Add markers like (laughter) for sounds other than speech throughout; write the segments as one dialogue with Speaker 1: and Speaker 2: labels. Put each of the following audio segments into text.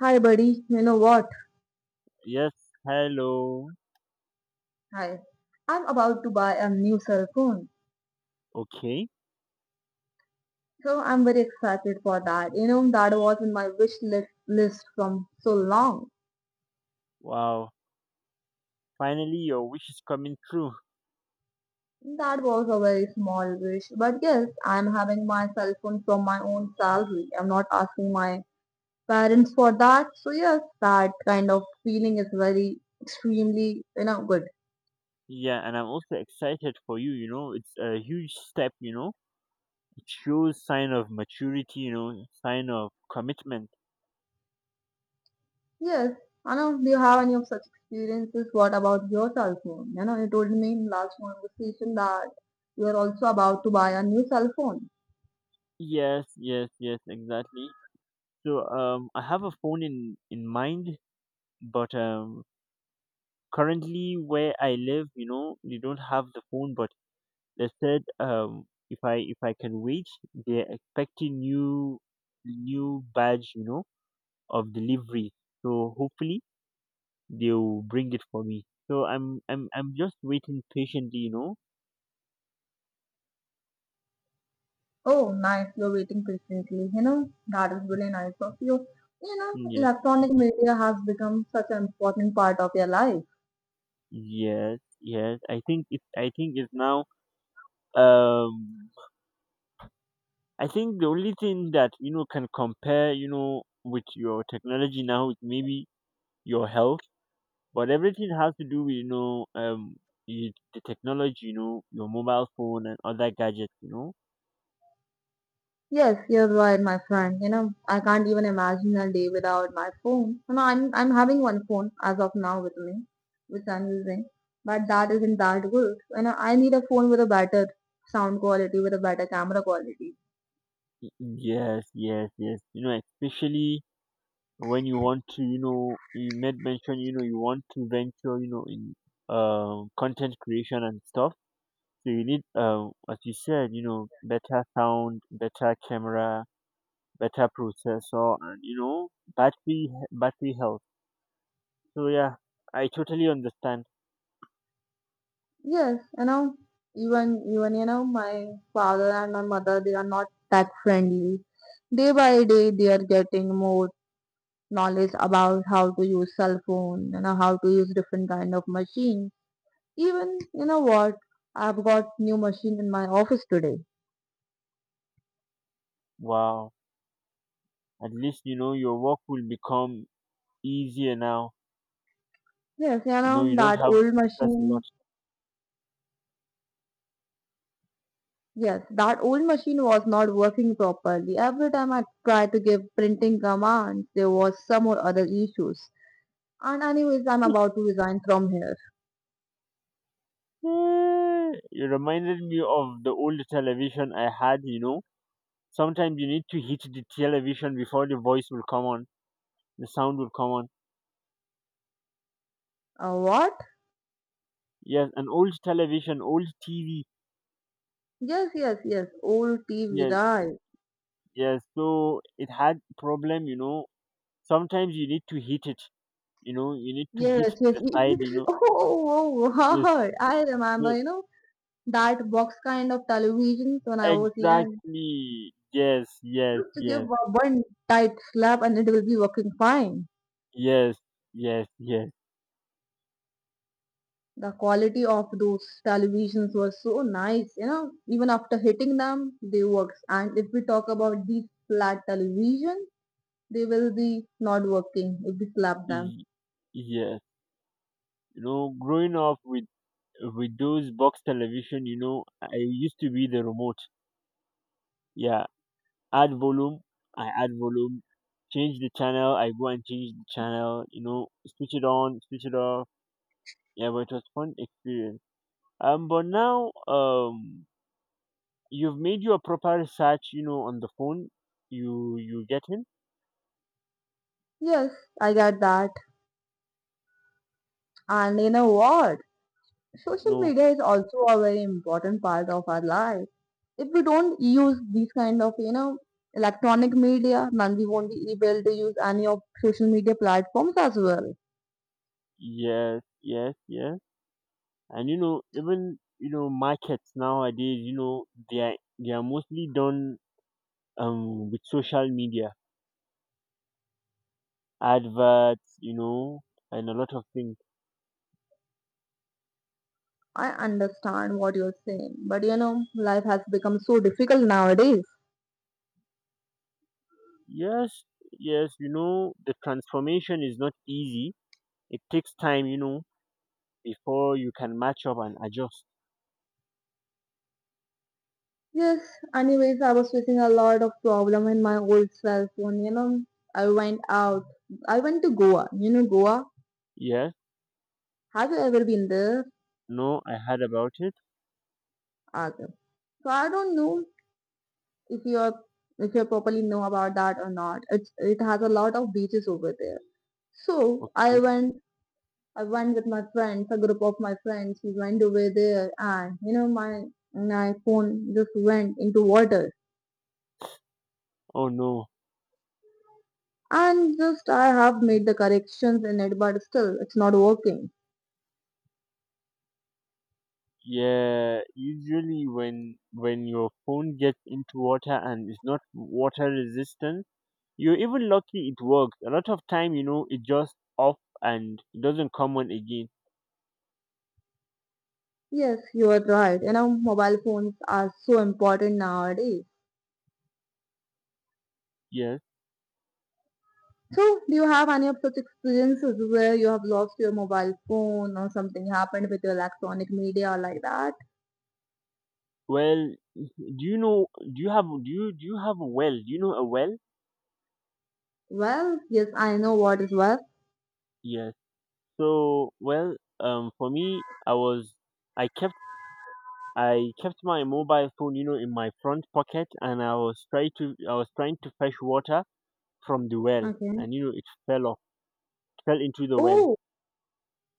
Speaker 1: Hi, buddy. You know what?
Speaker 2: Yes, hello.
Speaker 1: Hi. I'm about to buy a new cell phone.
Speaker 2: Okay.
Speaker 1: So I'm very excited for that. You know, that was in my wish list from so long.
Speaker 2: Wow. Finally, your wish is coming true.
Speaker 1: That was a very small wish. But yes, I'm having my cell phone from my own salary. I'm not asking my parents for that. So yes, that kind of feeling is very extremely, you know, good.
Speaker 2: Yeah, and I'm also excited for you. You know, it's a huge step. You know, it shows sign of maturity. You know, sign of commitment.
Speaker 1: Yes. Anna, do you have any of such experiences? What about yourself phone? You know, you told me in last conversation that you are also about to buy a new cell phone.
Speaker 2: Yes, yes, yes, exactly. So I have a phone in mind, but currently where I live, you know, they don't have the phone. But they said if I can wait, they're expecting new badge. You know, of delivery. So hopefully they will bring it for me. So I'm just waiting patiently, you know.
Speaker 1: Oh, nice. You're waiting patiently. You know, that is really nice of you. You know,
Speaker 2: Yes,
Speaker 1: electronic media has become such an important part of your life.
Speaker 2: yes, yes. I think it's now. Um, I think the only thing that you know can compare, you know, with your technology now is maybe your health, but everything has to do with you know the technology, you know, your mobile phone and other gadgets, you know.
Speaker 1: Yes, you're right, my friend. You know, I can't even imagine a day without my phone. You know, I'm having one phone as of now with me, which I'm using, but that isn't that good. You know, I need a phone with a better sound quality, with a better camera quality.
Speaker 2: Yes, yes, yes. You know, especially when you want to you know you made mention you know you want to venture you know in content creation and stuff, so you need as you said, you know, better sound, better camera, better processor, and you know, battery health. So yeah, I totally understand.
Speaker 1: Yes, you know, even you know, my father and my mother, they are not that friendly. Day by day, they are getting more knowledge about how to use cell phone, you know, how to use different kind of machine. Even, you know what? I've got new machine in my office today.
Speaker 2: Wow, at least you know your work will become easier now.
Speaker 1: Yes, you
Speaker 2: You know,
Speaker 1: know,
Speaker 2: you don't
Speaker 1: that
Speaker 2: have to
Speaker 1: old
Speaker 2: stress a
Speaker 1: machine.
Speaker 2: lot.
Speaker 1: Yes, that old machine was not working properly. Every time I tried to give printing commands, there was some or other issues. And anyways, I'm about to resign from here.
Speaker 2: (laughs) You reminded me of the old television I had, you know. Sometimes you need to hit the television before the voice will come on, the sound will come on.
Speaker 1: What?
Speaker 2: Yes, an old television, old TV.
Speaker 1: Yes, yes, yes. Old TV,
Speaker 2: Yes,
Speaker 1: right?
Speaker 2: yes. So it had problem, you know. Sometimes you need to hit it, you know. You need to hit
Speaker 1: Yes, yes.
Speaker 2: the side, you
Speaker 1: (laughs)
Speaker 2: know.
Speaker 1: Oh, oh, oh,
Speaker 2: Yes,
Speaker 1: God. I remember,
Speaker 2: yes,
Speaker 1: you know, that box kind of televisions when I was young.
Speaker 2: exactly. Yes, yes,
Speaker 1: Just to give
Speaker 2: yes,
Speaker 1: one tight slap and it will be working fine.
Speaker 2: yes, yes, yes,
Speaker 1: The quality of those televisions was so nice, you know, even after hitting them, they works. And if we talk about these flat television, they will be not working if we slap them.
Speaker 2: y- yes. You know, growing up with those box television, you know, I used to be the remote. Yeah, add volume, I add volume, I go and change the channel, you know, switch it on, switch it off. Yeah, but it was fun experience. But now you've made your proper research, you know, on the phone. You get him?
Speaker 1: Yes, I get that. And you know what? Social
Speaker 2: No.
Speaker 1: media is also a very important part of our life. If we don't use these kind of, you know, electronic media, then we won't be able to use any of social media platforms as well.
Speaker 2: Yes, yes, yes. And you know, even you know, markets nowadays, you know, they are mostly done with social media adverts, you know, and a lot of things.
Speaker 1: I understand what you're saying, but you know, life has become so difficult nowadays.
Speaker 2: Yes, yes, you know, the transformation is not easy. It takes time, you know, before you can match up and adjust.
Speaker 1: Yes, anyways, I was facing a lot of problem in my old cell phone. You know, I went out. I went to Goa. You know, Goa.
Speaker 2: Yes,
Speaker 1: Have you ever been there?
Speaker 2: no, I heard about it.
Speaker 1: Okay. So I don't know if you're if you properly know about that or not. It's it has a lot of beaches over there. So I
Speaker 2: Okay.
Speaker 1: went. I went with my friends, a group of my friends. We went over there, and you know, my phone just went into water.
Speaker 2: Oh no.
Speaker 1: And just I have made the corrections in it, but still it's not working.
Speaker 2: Yeah, usually when your phone gets into water and it's not water resistant, you're even lucky it works. A lot of time, you know, it just off and it doesn't come on again.
Speaker 1: Yes, you are right. You know, mobile phones are so important nowadays.
Speaker 2: Yes.
Speaker 1: So, do you have any of such experiences where you have lost your mobile phone or something happened with your electronic media or like that?
Speaker 2: Well, do you know? Do you have? Do you have a well? Do you know a well?
Speaker 1: Well, yes, I know what is well.
Speaker 2: Yes. So well, for me, I kept, I kept my mobile phone, you know, in my front pocket, and I was trying to fetch water from the well,
Speaker 1: Okay.
Speaker 2: and you know, it fell off, fell into the well.
Speaker 1: Oh,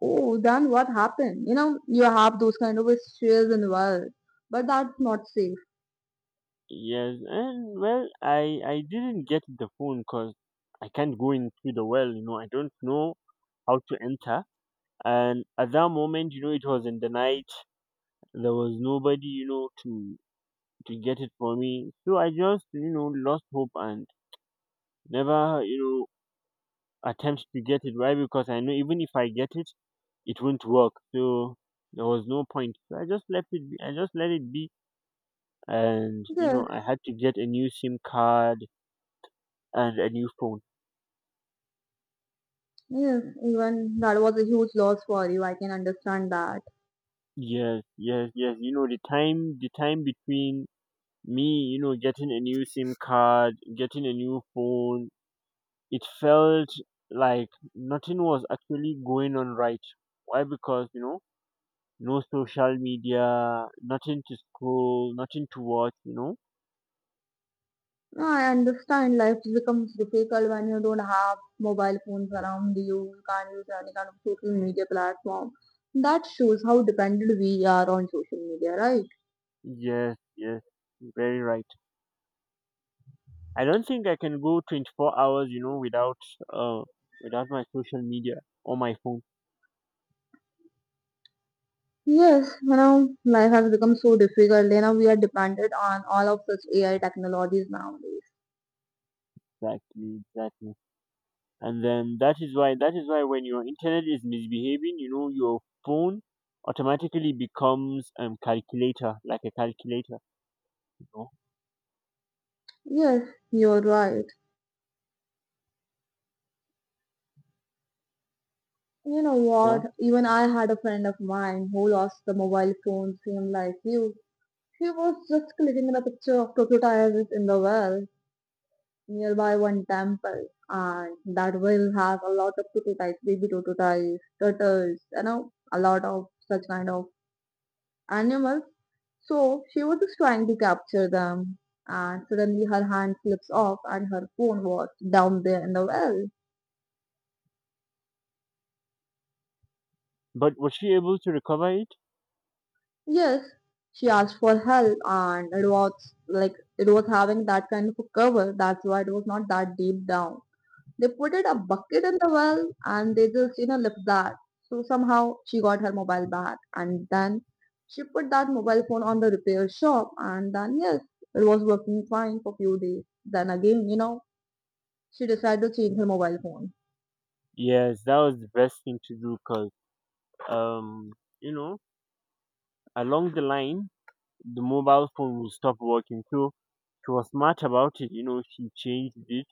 Speaker 1: oh, then what happened? You know, you have those kind of shares in world, but that's not safe.
Speaker 2: Yes, and well, I didn't get the phone because I can't go into the well, you know, I don't know how to enter. And at that moment, you know, it was in the night. There was nobody, you know, to get it for me. So I just, you know, lost hope and never you know attempt to get it, right? Because I know even if I get it, it won't work. So there was no point. So I just left it be, I just let it be, and you
Speaker 1: Yes,
Speaker 2: know, I had to get a new SIM card and a new phone.
Speaker 1: yes, even that was a huge loss for you. I can understand that.
Speaker 2: Yes, yes, yes. You know, the time between me, you know, getting a new SIM card, getting a new phone, it felt like nothing was actually going on, right? Why? Because you know, no social media, nothing to scroll, nothing to watch, you know?
Speaker 1: No, I understand life becomes difficult when you don't have mobile phones around you, you can't use any kind of social media platform. That shows how dependent we are on social media, right?
Speaker 2: Yes, yes, very right. I don't think I can go 24 hours, you know, without uh without my social media or my phone.
Speaker 1: Yes, you know, life has become so difficult. You know, we are dependent on all of such AI technologies nowadays.
Speaker 2: Exactly, exactly. And then that is why when your internet is misbehaving, you know, your phone automatically becomes calculator, like a calculator, you know.
Speaker 1: Yes, you're right. You know
Speaker 2: Yeah.
Speaker 1: what? Even I had a friend of mine who lost the mobile phone, same like you. She was just clicking the picture of crocodiles in the well nearby one temple and that will have a lot of prototypes, baby prototypes, turtles, you know, a lot of such kind of animals. So she was just trying to capture them and suddenly her hand slips off and her phone was down there in the well.
Speaker 2: But was she able to recover it?
Speaker 1: Yes, she asked for help and it was like it was having that kind of a cover. That's why it was not that deep down. They put it a bucket in the well and they just, you know, left that. So somehow she got her mobile back and then she put that mobile phone on the repair shop and then yes, it was working fine for few days. Then again, you know, she decided to change her mobile phone.
Speaker 2: Yes, that was the best thing to do because um you know, along the line the mobile phone will stop working. So she was smart about it, you know, she changed it,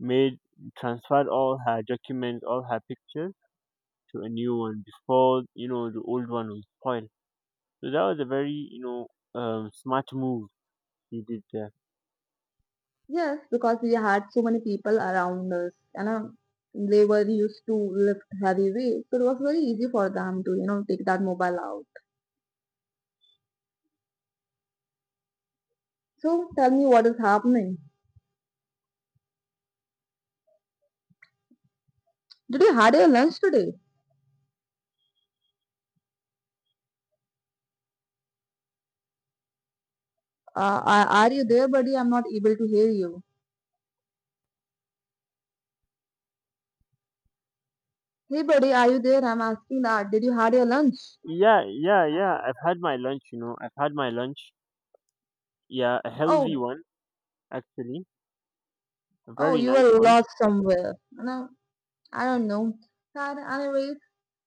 Speaker 2: made, transferred all her documents, all her pictures to a new one before, you know, the old one was spoiled. So that was a very, you know, smart move she did there.
Speaker 1: Yes, because we had so many people around us, and know, they were used to lift heavy weights, so it was very easy for them to, you know, take that mobile out. So tell me what is happening. Did you had your lunch today? Are you there, buddy? I'm not able to hear you. Hey, buddy, are you there? I'm asking that. Did you had your lunch?
Speaker 2: Yeah, yeah, yeah. I've had my lunch, you know. I've had my lunch. Yeah, a healthy
Speaker 1: Oh,
Speaker 2: one, actually. A
Speaker 1: oh,
Speaker 2: very
Speaker 1: you
Speaker 2: nice
Speaker 1: were
Speaker 2: one.
Speaker 1: lost somewhere. No, I don't know. But anyways,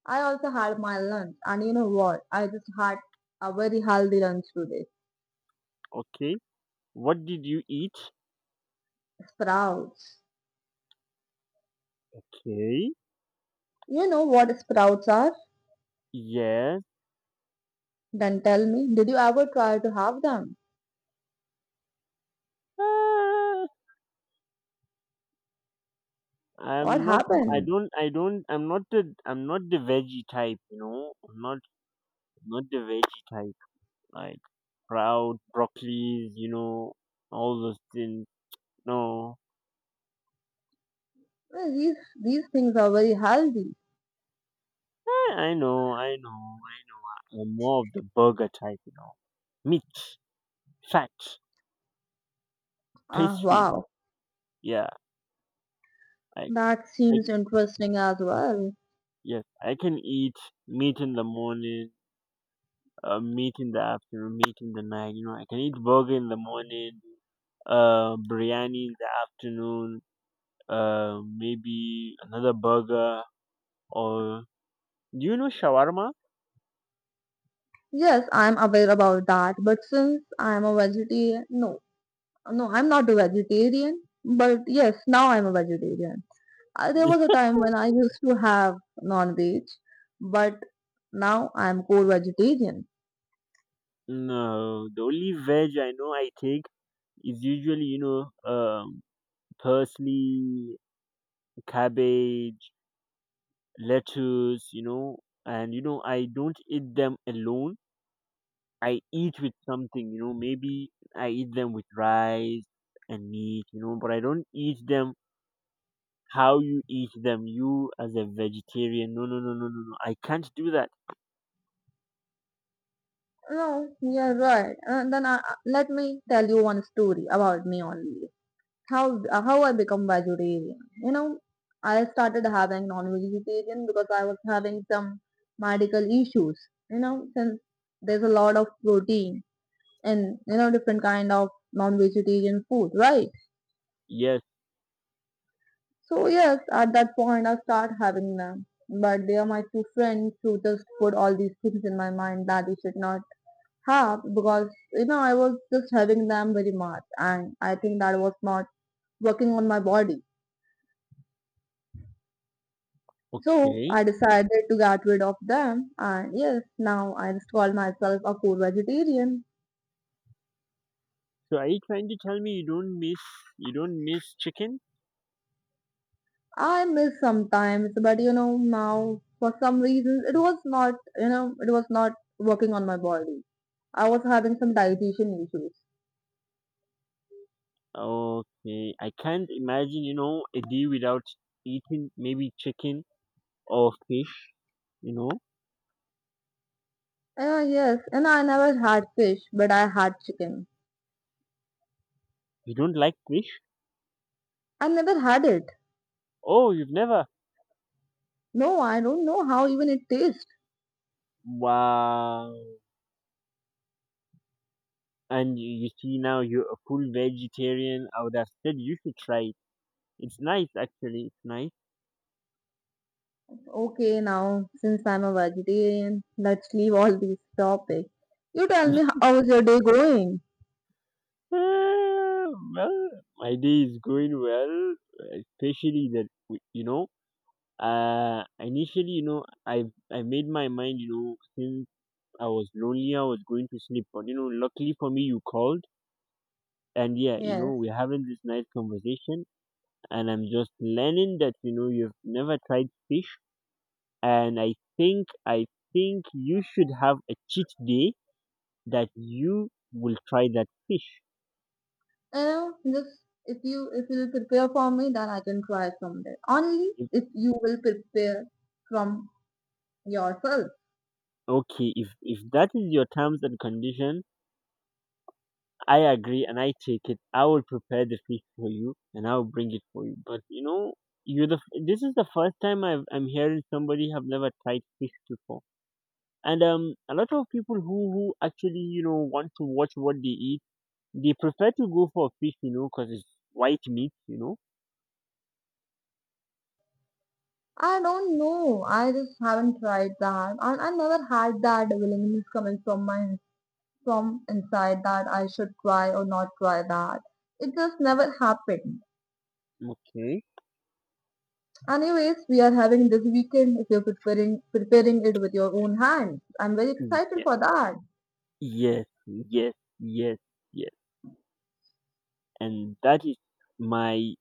Speaker 1: I also had my lunch, and you know what? I just had a very healthy lunch today.
Speaker 2: Okay. What did you eat?
Speaker 1: Sprouts.
Speaker 2: Okay.
Speaker 1: You know what sprouts are?
Speaker 2: Yes.
Speaker 1: Then tell me, did you ever try to have them?
Speaker 2: Ah,
Speaker 1: What
Speaker 2: I'm not. I
Speaker 1: happened?
Speaker 2: don't. I don't. I'm not the veggie type. You know. I'm not. Not the veggie type. Like proud broccolis. You know. All those things. No.
Speaker 1: Well, these things are very healthy.
Speaker 2: Eh, I know. I'm more of the burger type. You know. Meat, fat,
Speaker 1: Ah,
Speaker 2: pastry.
Speaker 1: wow.
Speaker 2: Yeah. I.
Speaker 1: That
Speaker 2: I.
Speaker 1: seems interesting as well.
Speaker 2: Yes. I can eat meat in the morning. Meat in the afternoon. Meat in the night. You know. I can eat burger in the morning. Biryani in the afternoon. Maybe another burger, or do you know shawarma?
Speaker 1: Yes, I'm aware about that, but since I'm a vegetarian, no, no, I'm not a vegetarian, but yes, now I'm a vegetarian. There was a
Speaker 2: (laughs)
Speaker 1: time when I used to have non-veg, but now I'm core vegetarian.
Speaker 2: No, the only veg I know I take is usually you know parsley, cabbage, lettuce, you know, and you know I don't eat them alone. I eat with something, you know, maybe I eat them with rice and meat, you know, but I don't eat them how you eat them, you as a vegetarian. No, no, no, no, no, no. I can't do that.
Speaker 1: No, you're right. And then I, let me tell you one story about me only. How how I become vegetarian. You know, I started having non-vegetarian because I was having some medical issues. You know, since there's a lot of protein and you know different kind of non-vegetarian food, right?
Speaker 2: Yes.
Speaker 1: So yes, at that point I start having them. But they are my two friends who just put all these things in my mind that you should not have because you know I was just having them very much and I think that was not working on my body. So
Speaker 2: Okay.
Speaker 1: I decided to get rid of them, and yes, now I just call myself a core vegetarian.
Speaker 2: So are you trying to tell me you don't miss, you don't miss chicken?
Speaker 1: I miss sometimes, but you know, now for some reasons it was not, you know, it was not working on my body. I was having some digestion issues.
Speaker 2: Okay. I can't imagine, you know, a day without eating maybe chicken or fish, you know.
Speaker 1: Yes, and I never had fish, but I had chicken.
Speaker 2: You don't like fish?
Speaker 1: I never had it.
Speaker 2: Oh, you've never.
Speaker 1: No, I don't know how even it tastes.
Speaker 2: Wow. And you see now you're a full vegetarian. I would have said you should try it. It's nice actually, it's nice.
Speaker 1: Okay, now since I'm a vegetarian, let's leave all these topics. You tell me
Speaker 2: (laughs)
Speaker 1: how's your day going?
Speaker 2: Well, my day is going well, especially that you know, initially you know, I made my mind, you know, since I was lonely I was going to sleep, but you know, luckily for me you called, and yeah, you know,
Speaker 1: Yes.
Speaker 2: we're having this nice conversation, and I'm just learning that you know you've never tried fish, and I think you should have a cheat day that you will try that fish.
Speaker 1: You know, just if you will prepare for me, then I can try someday. Only
Speaker 2: If,
Speaker 1: if you will prepare from yourself.
Speaker 2: okay, if that is your terms and condition, I agree and I take it. I will prepare the fish for you and I will bring it for you. But you know, you this is the first time I'm hearing somebody have never tried fish before. And a lot of people who actually you know want to watch what they eat, they prefer to go for fish, you know, because it's white meat, you know.
Speaker 1: I don't know. I just haven't tried that, and I never had that willingness coming from my from inside that I should try or not try that. It just never happened.
Speaker 2: Okay.
Speaker 1: Anyways, we are having this weekend. If you're preparing it with your own hands, I'm very excited
Speaker 2: Yes,
Speaker 1: for that.
Speaker 2: yes, yes, yes, yes. And my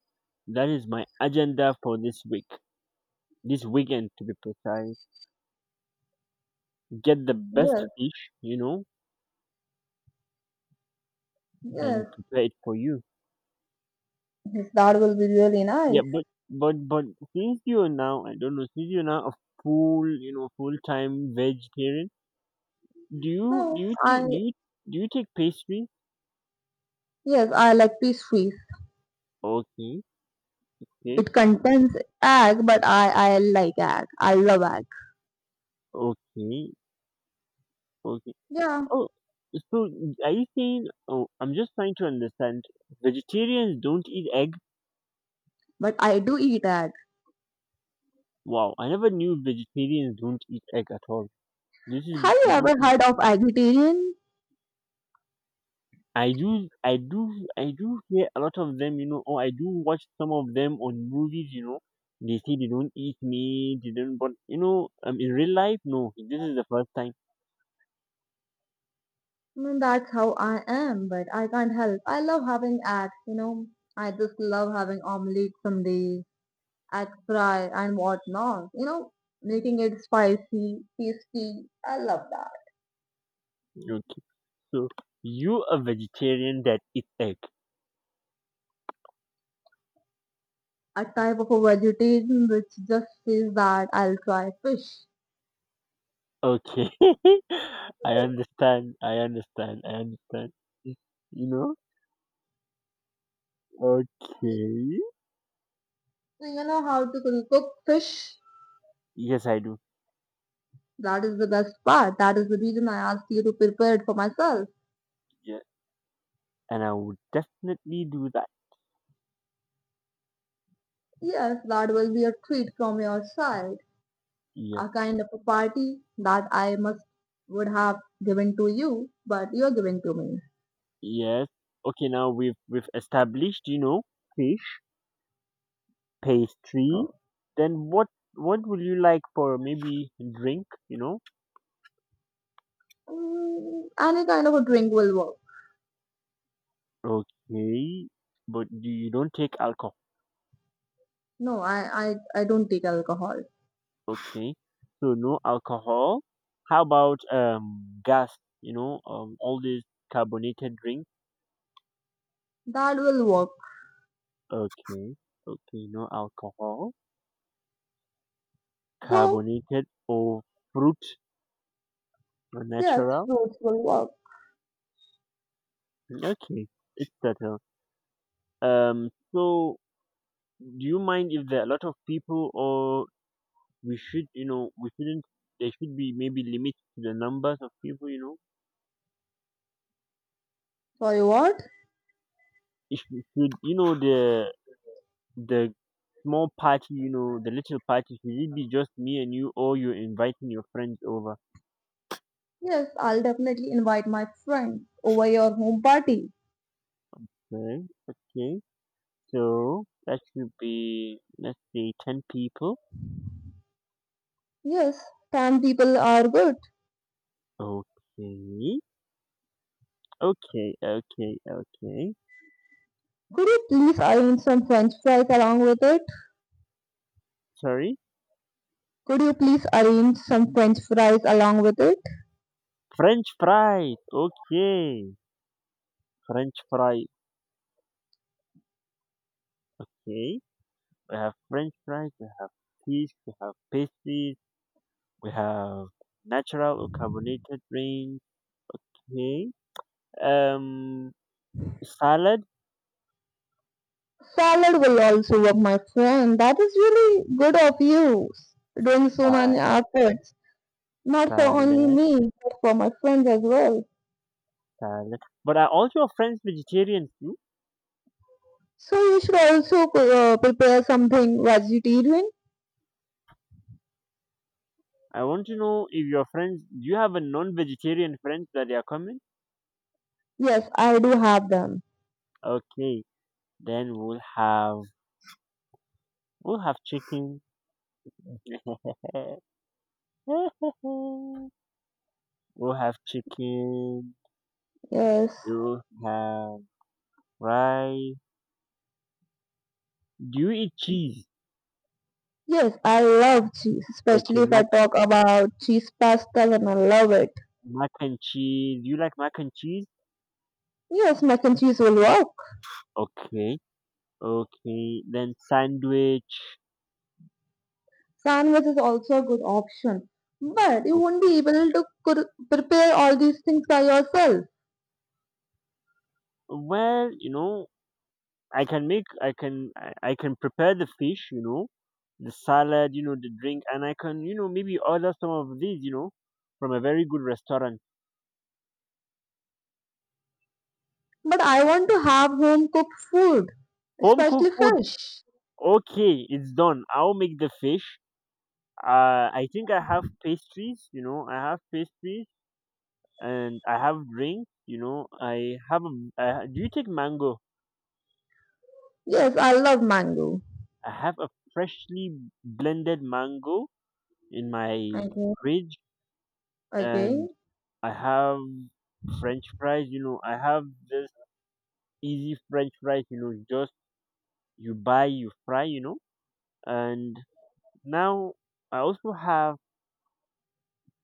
Speaker 2: that is my agenda for this week, this weekend to be precise. Get the best
Speaker 1: Yes,
Speaker 2: fish, you know,
Speaker 1: yes,
Speaker 2: and prepare it for you.
Speaker 1: that will be really
Speaker 2: Yeah,
Speaker 1: nice.
Speaker 2: but since you're now, I don't know, since you're now a full, you know, full time vegetarian, do you do
Speaker 1: No,
Speaker 2: you
Speaker 1: I
Speaker 2: take do you do you take pastry?
Speaker 1: yes, I like peas trees.
Speaker 2: Okay, okay,
Speaker 1: It contains egg, but I like egg. I love egg.
Speaker 2: okay, okay.
Speaker 1: Yeah,
Speaker 2: Oh, so are you saying? Oh, I'm just trying to understand. Vegetarians don't eat egg.
Speaker 1: but I do eat egg.
Speaker 2: Wow, I never knew vegetarians don't eat egg at all. This is
Speaker 1: Have you
Speaker 2: this
Speaker 1: ever
Speaker 2: is
Speaker 1: heard of eggetarian?
Speaker 2: I do I do I do hear a lot of them, you know, or I do watch some of them on movies, you know. They say they don't eat meat, they don't, but you know, in real life, no. This is the first time.
Speaker 1: Mm, that's how I am, but I can't help. I love having eggs, you know. I just love having omelette some days, egg fry and whatnot. You know, making it spicy, tasty. I love that.
Speaker 2: Okay. So you a vegetarian that eat egg.
Speaker 1: A type of a vegetarian which just says that I'll try fish.
Speaker 2: Okay. (laughs) I understand. You know? Okay.
Speaker 1: Do you know how to cook fish?
Speaker 2: Yes I do.
Speaker 1: That is the best part. That is the reason I asked you to prepare it for myself.
Speaker 2: Yeah. And I would definitely do that.
Speaker 1: Yes, that will be a treat from your side,
Speaker 2: Yeah.
Speaker 1: a kind of a party that I must would have given to you, but you're giving to me.
Speaker 2: Yes. Okay, now we've established, you know, okay, pastry.
Speaker 1: So
Speaker 2: Then what will you like for maybe drink, you know?
Speaker 1: mm, any kind of a drink will work.
Speaker 2: Okay. But do you don't take alcohol.
Speaker 1: No, I don't take alcohol.
Speaker 2: Okay. So no alcohol. How about gas, you know, all these carbonated drinks?
Speaker 1: That will work.
Speaker 2: Okay. Okay, no alcohol.
Speaker 1: So
Speaker 2: Carbonated, or fruit or
Speaker 1: yes,
Speaker 2: natural?
Speaker 1: fruits will work.
Speaker 2: Okay. It's better. So do you mind if there are a lot of people, or we should you know we shouldn't there should be maybe limits to the numbers of people, you know?
Speaker 1: Sorry, what?
Speaker 2: Should you know the small party, you know, the little party, should it be just me and you, or you're inviting your friends over?
Speaker 1: Yes, I'll definitely invite my friends over your home party.
Speaker 2: Okay, okay, so that should be, let's say, 10 people.
Speaker 1: Yes, tan people are good.
Speaker 2: Okay, okay, okay, okay.
Speaker 1: Could you please arrange some french fries along with it?
Speaker 2: Sorry?
Speaker 1: Could you please arrange some french fries along with it?
Speaker 2: French fries, okay. French fries, okay. We have french fries, we have cheese, we have pastries. We have natural or carbonated drink. Okay. Um, salad.
Speaker 1: Salad will also work, my friend. That is really good of you, doing so
Speaker 2: Uh,
Speaker 1: many efforts, not for only
Speaker 2: salad.
Speaker 1: me, but for my friends as well.
Speaker 2: Salad. But are all your friends vegetarian too?
Speaker 1: So you should also prepare something vegetarian.
Speaker 2: I want to know if your friends. Do you have a non-vegetarian friends that they are coming?
Speaker 1: Yes, I do have them.
Speaker 2: Okay. Then we'll have, we'll have chicken. (laughs) We'll have chicken.
Speaker 1: Yes,
Speaker 2: We'll have rice. Do you eat cheese?
Speaker 1: yes, I love cheese,
Speaker 2: Okay,
Speaker 1: especially if I talk about cheese pastas and I love it.
Speaker 2: mac and cheese. Do you like mac and cheese?
Speaker 1: Yes, mac and cheese will work.
Speaker 2: Okay. Okay, then sandwich.
Speaker 1: Canvas is also a good option, but you
Speaker 2: Oh,
Speaker 1: won't be able to prepare all these things by yourself.
Speaker 2: well, you know, I can make, I can prepare the fish, you know, the salad, you know, the drink, and I can, you know, maybe order some of these, you know, from a very good restaurant.
Speaker 1: But I want to have home cooked food,
Speaker 2: Home
Speaker 1: especially
Speaker 2: cooked food,
Speaker 1: fish.
Speaker 2: okay, it's done. I'll make the fish. I think I have pastries, you know, I have pastries and I have drinks, you know, I have, do you take mango?
Speaker 1: Yes, I love mango.
Speaker 2: I have a freshly blended mango in my
Speaker 1: Okay.
Speaker 2: fridge and
Speaker 1: Okay.
Speaker 2: I have French fries, you know, I have this easy French fries, you know, just you buy, you fry, you know. And now I also have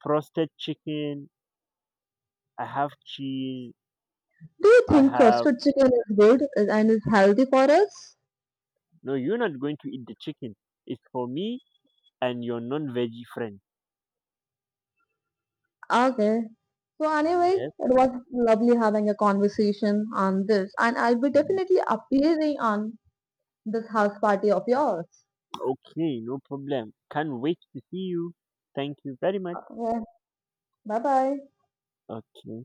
Speaker 2: frosted chicken, I have cheese,
Speaker 1: Do you
Speaker 2: I
Speaker 1: think
Speaker 2: have,
Speaker 1: roasted chicken is good and is healthy for us?
Speaker 2: no, you're not going to eat the chicken. It's for me and your non veggie friend.
Speaker 1: Okay. So anyway,
Speaker 2: Yes.
Speaker 1: it was lovely having a conversation on this, and I'll be
Speaker 2: Mm,
Speaker 1: definitely appearing on this house party of yours.
Speaker 2: okay, no problem. Can't wait to see you. Thank you very much.
Speaker 1: Okay. Bye bye.
Speaker 2: Okay.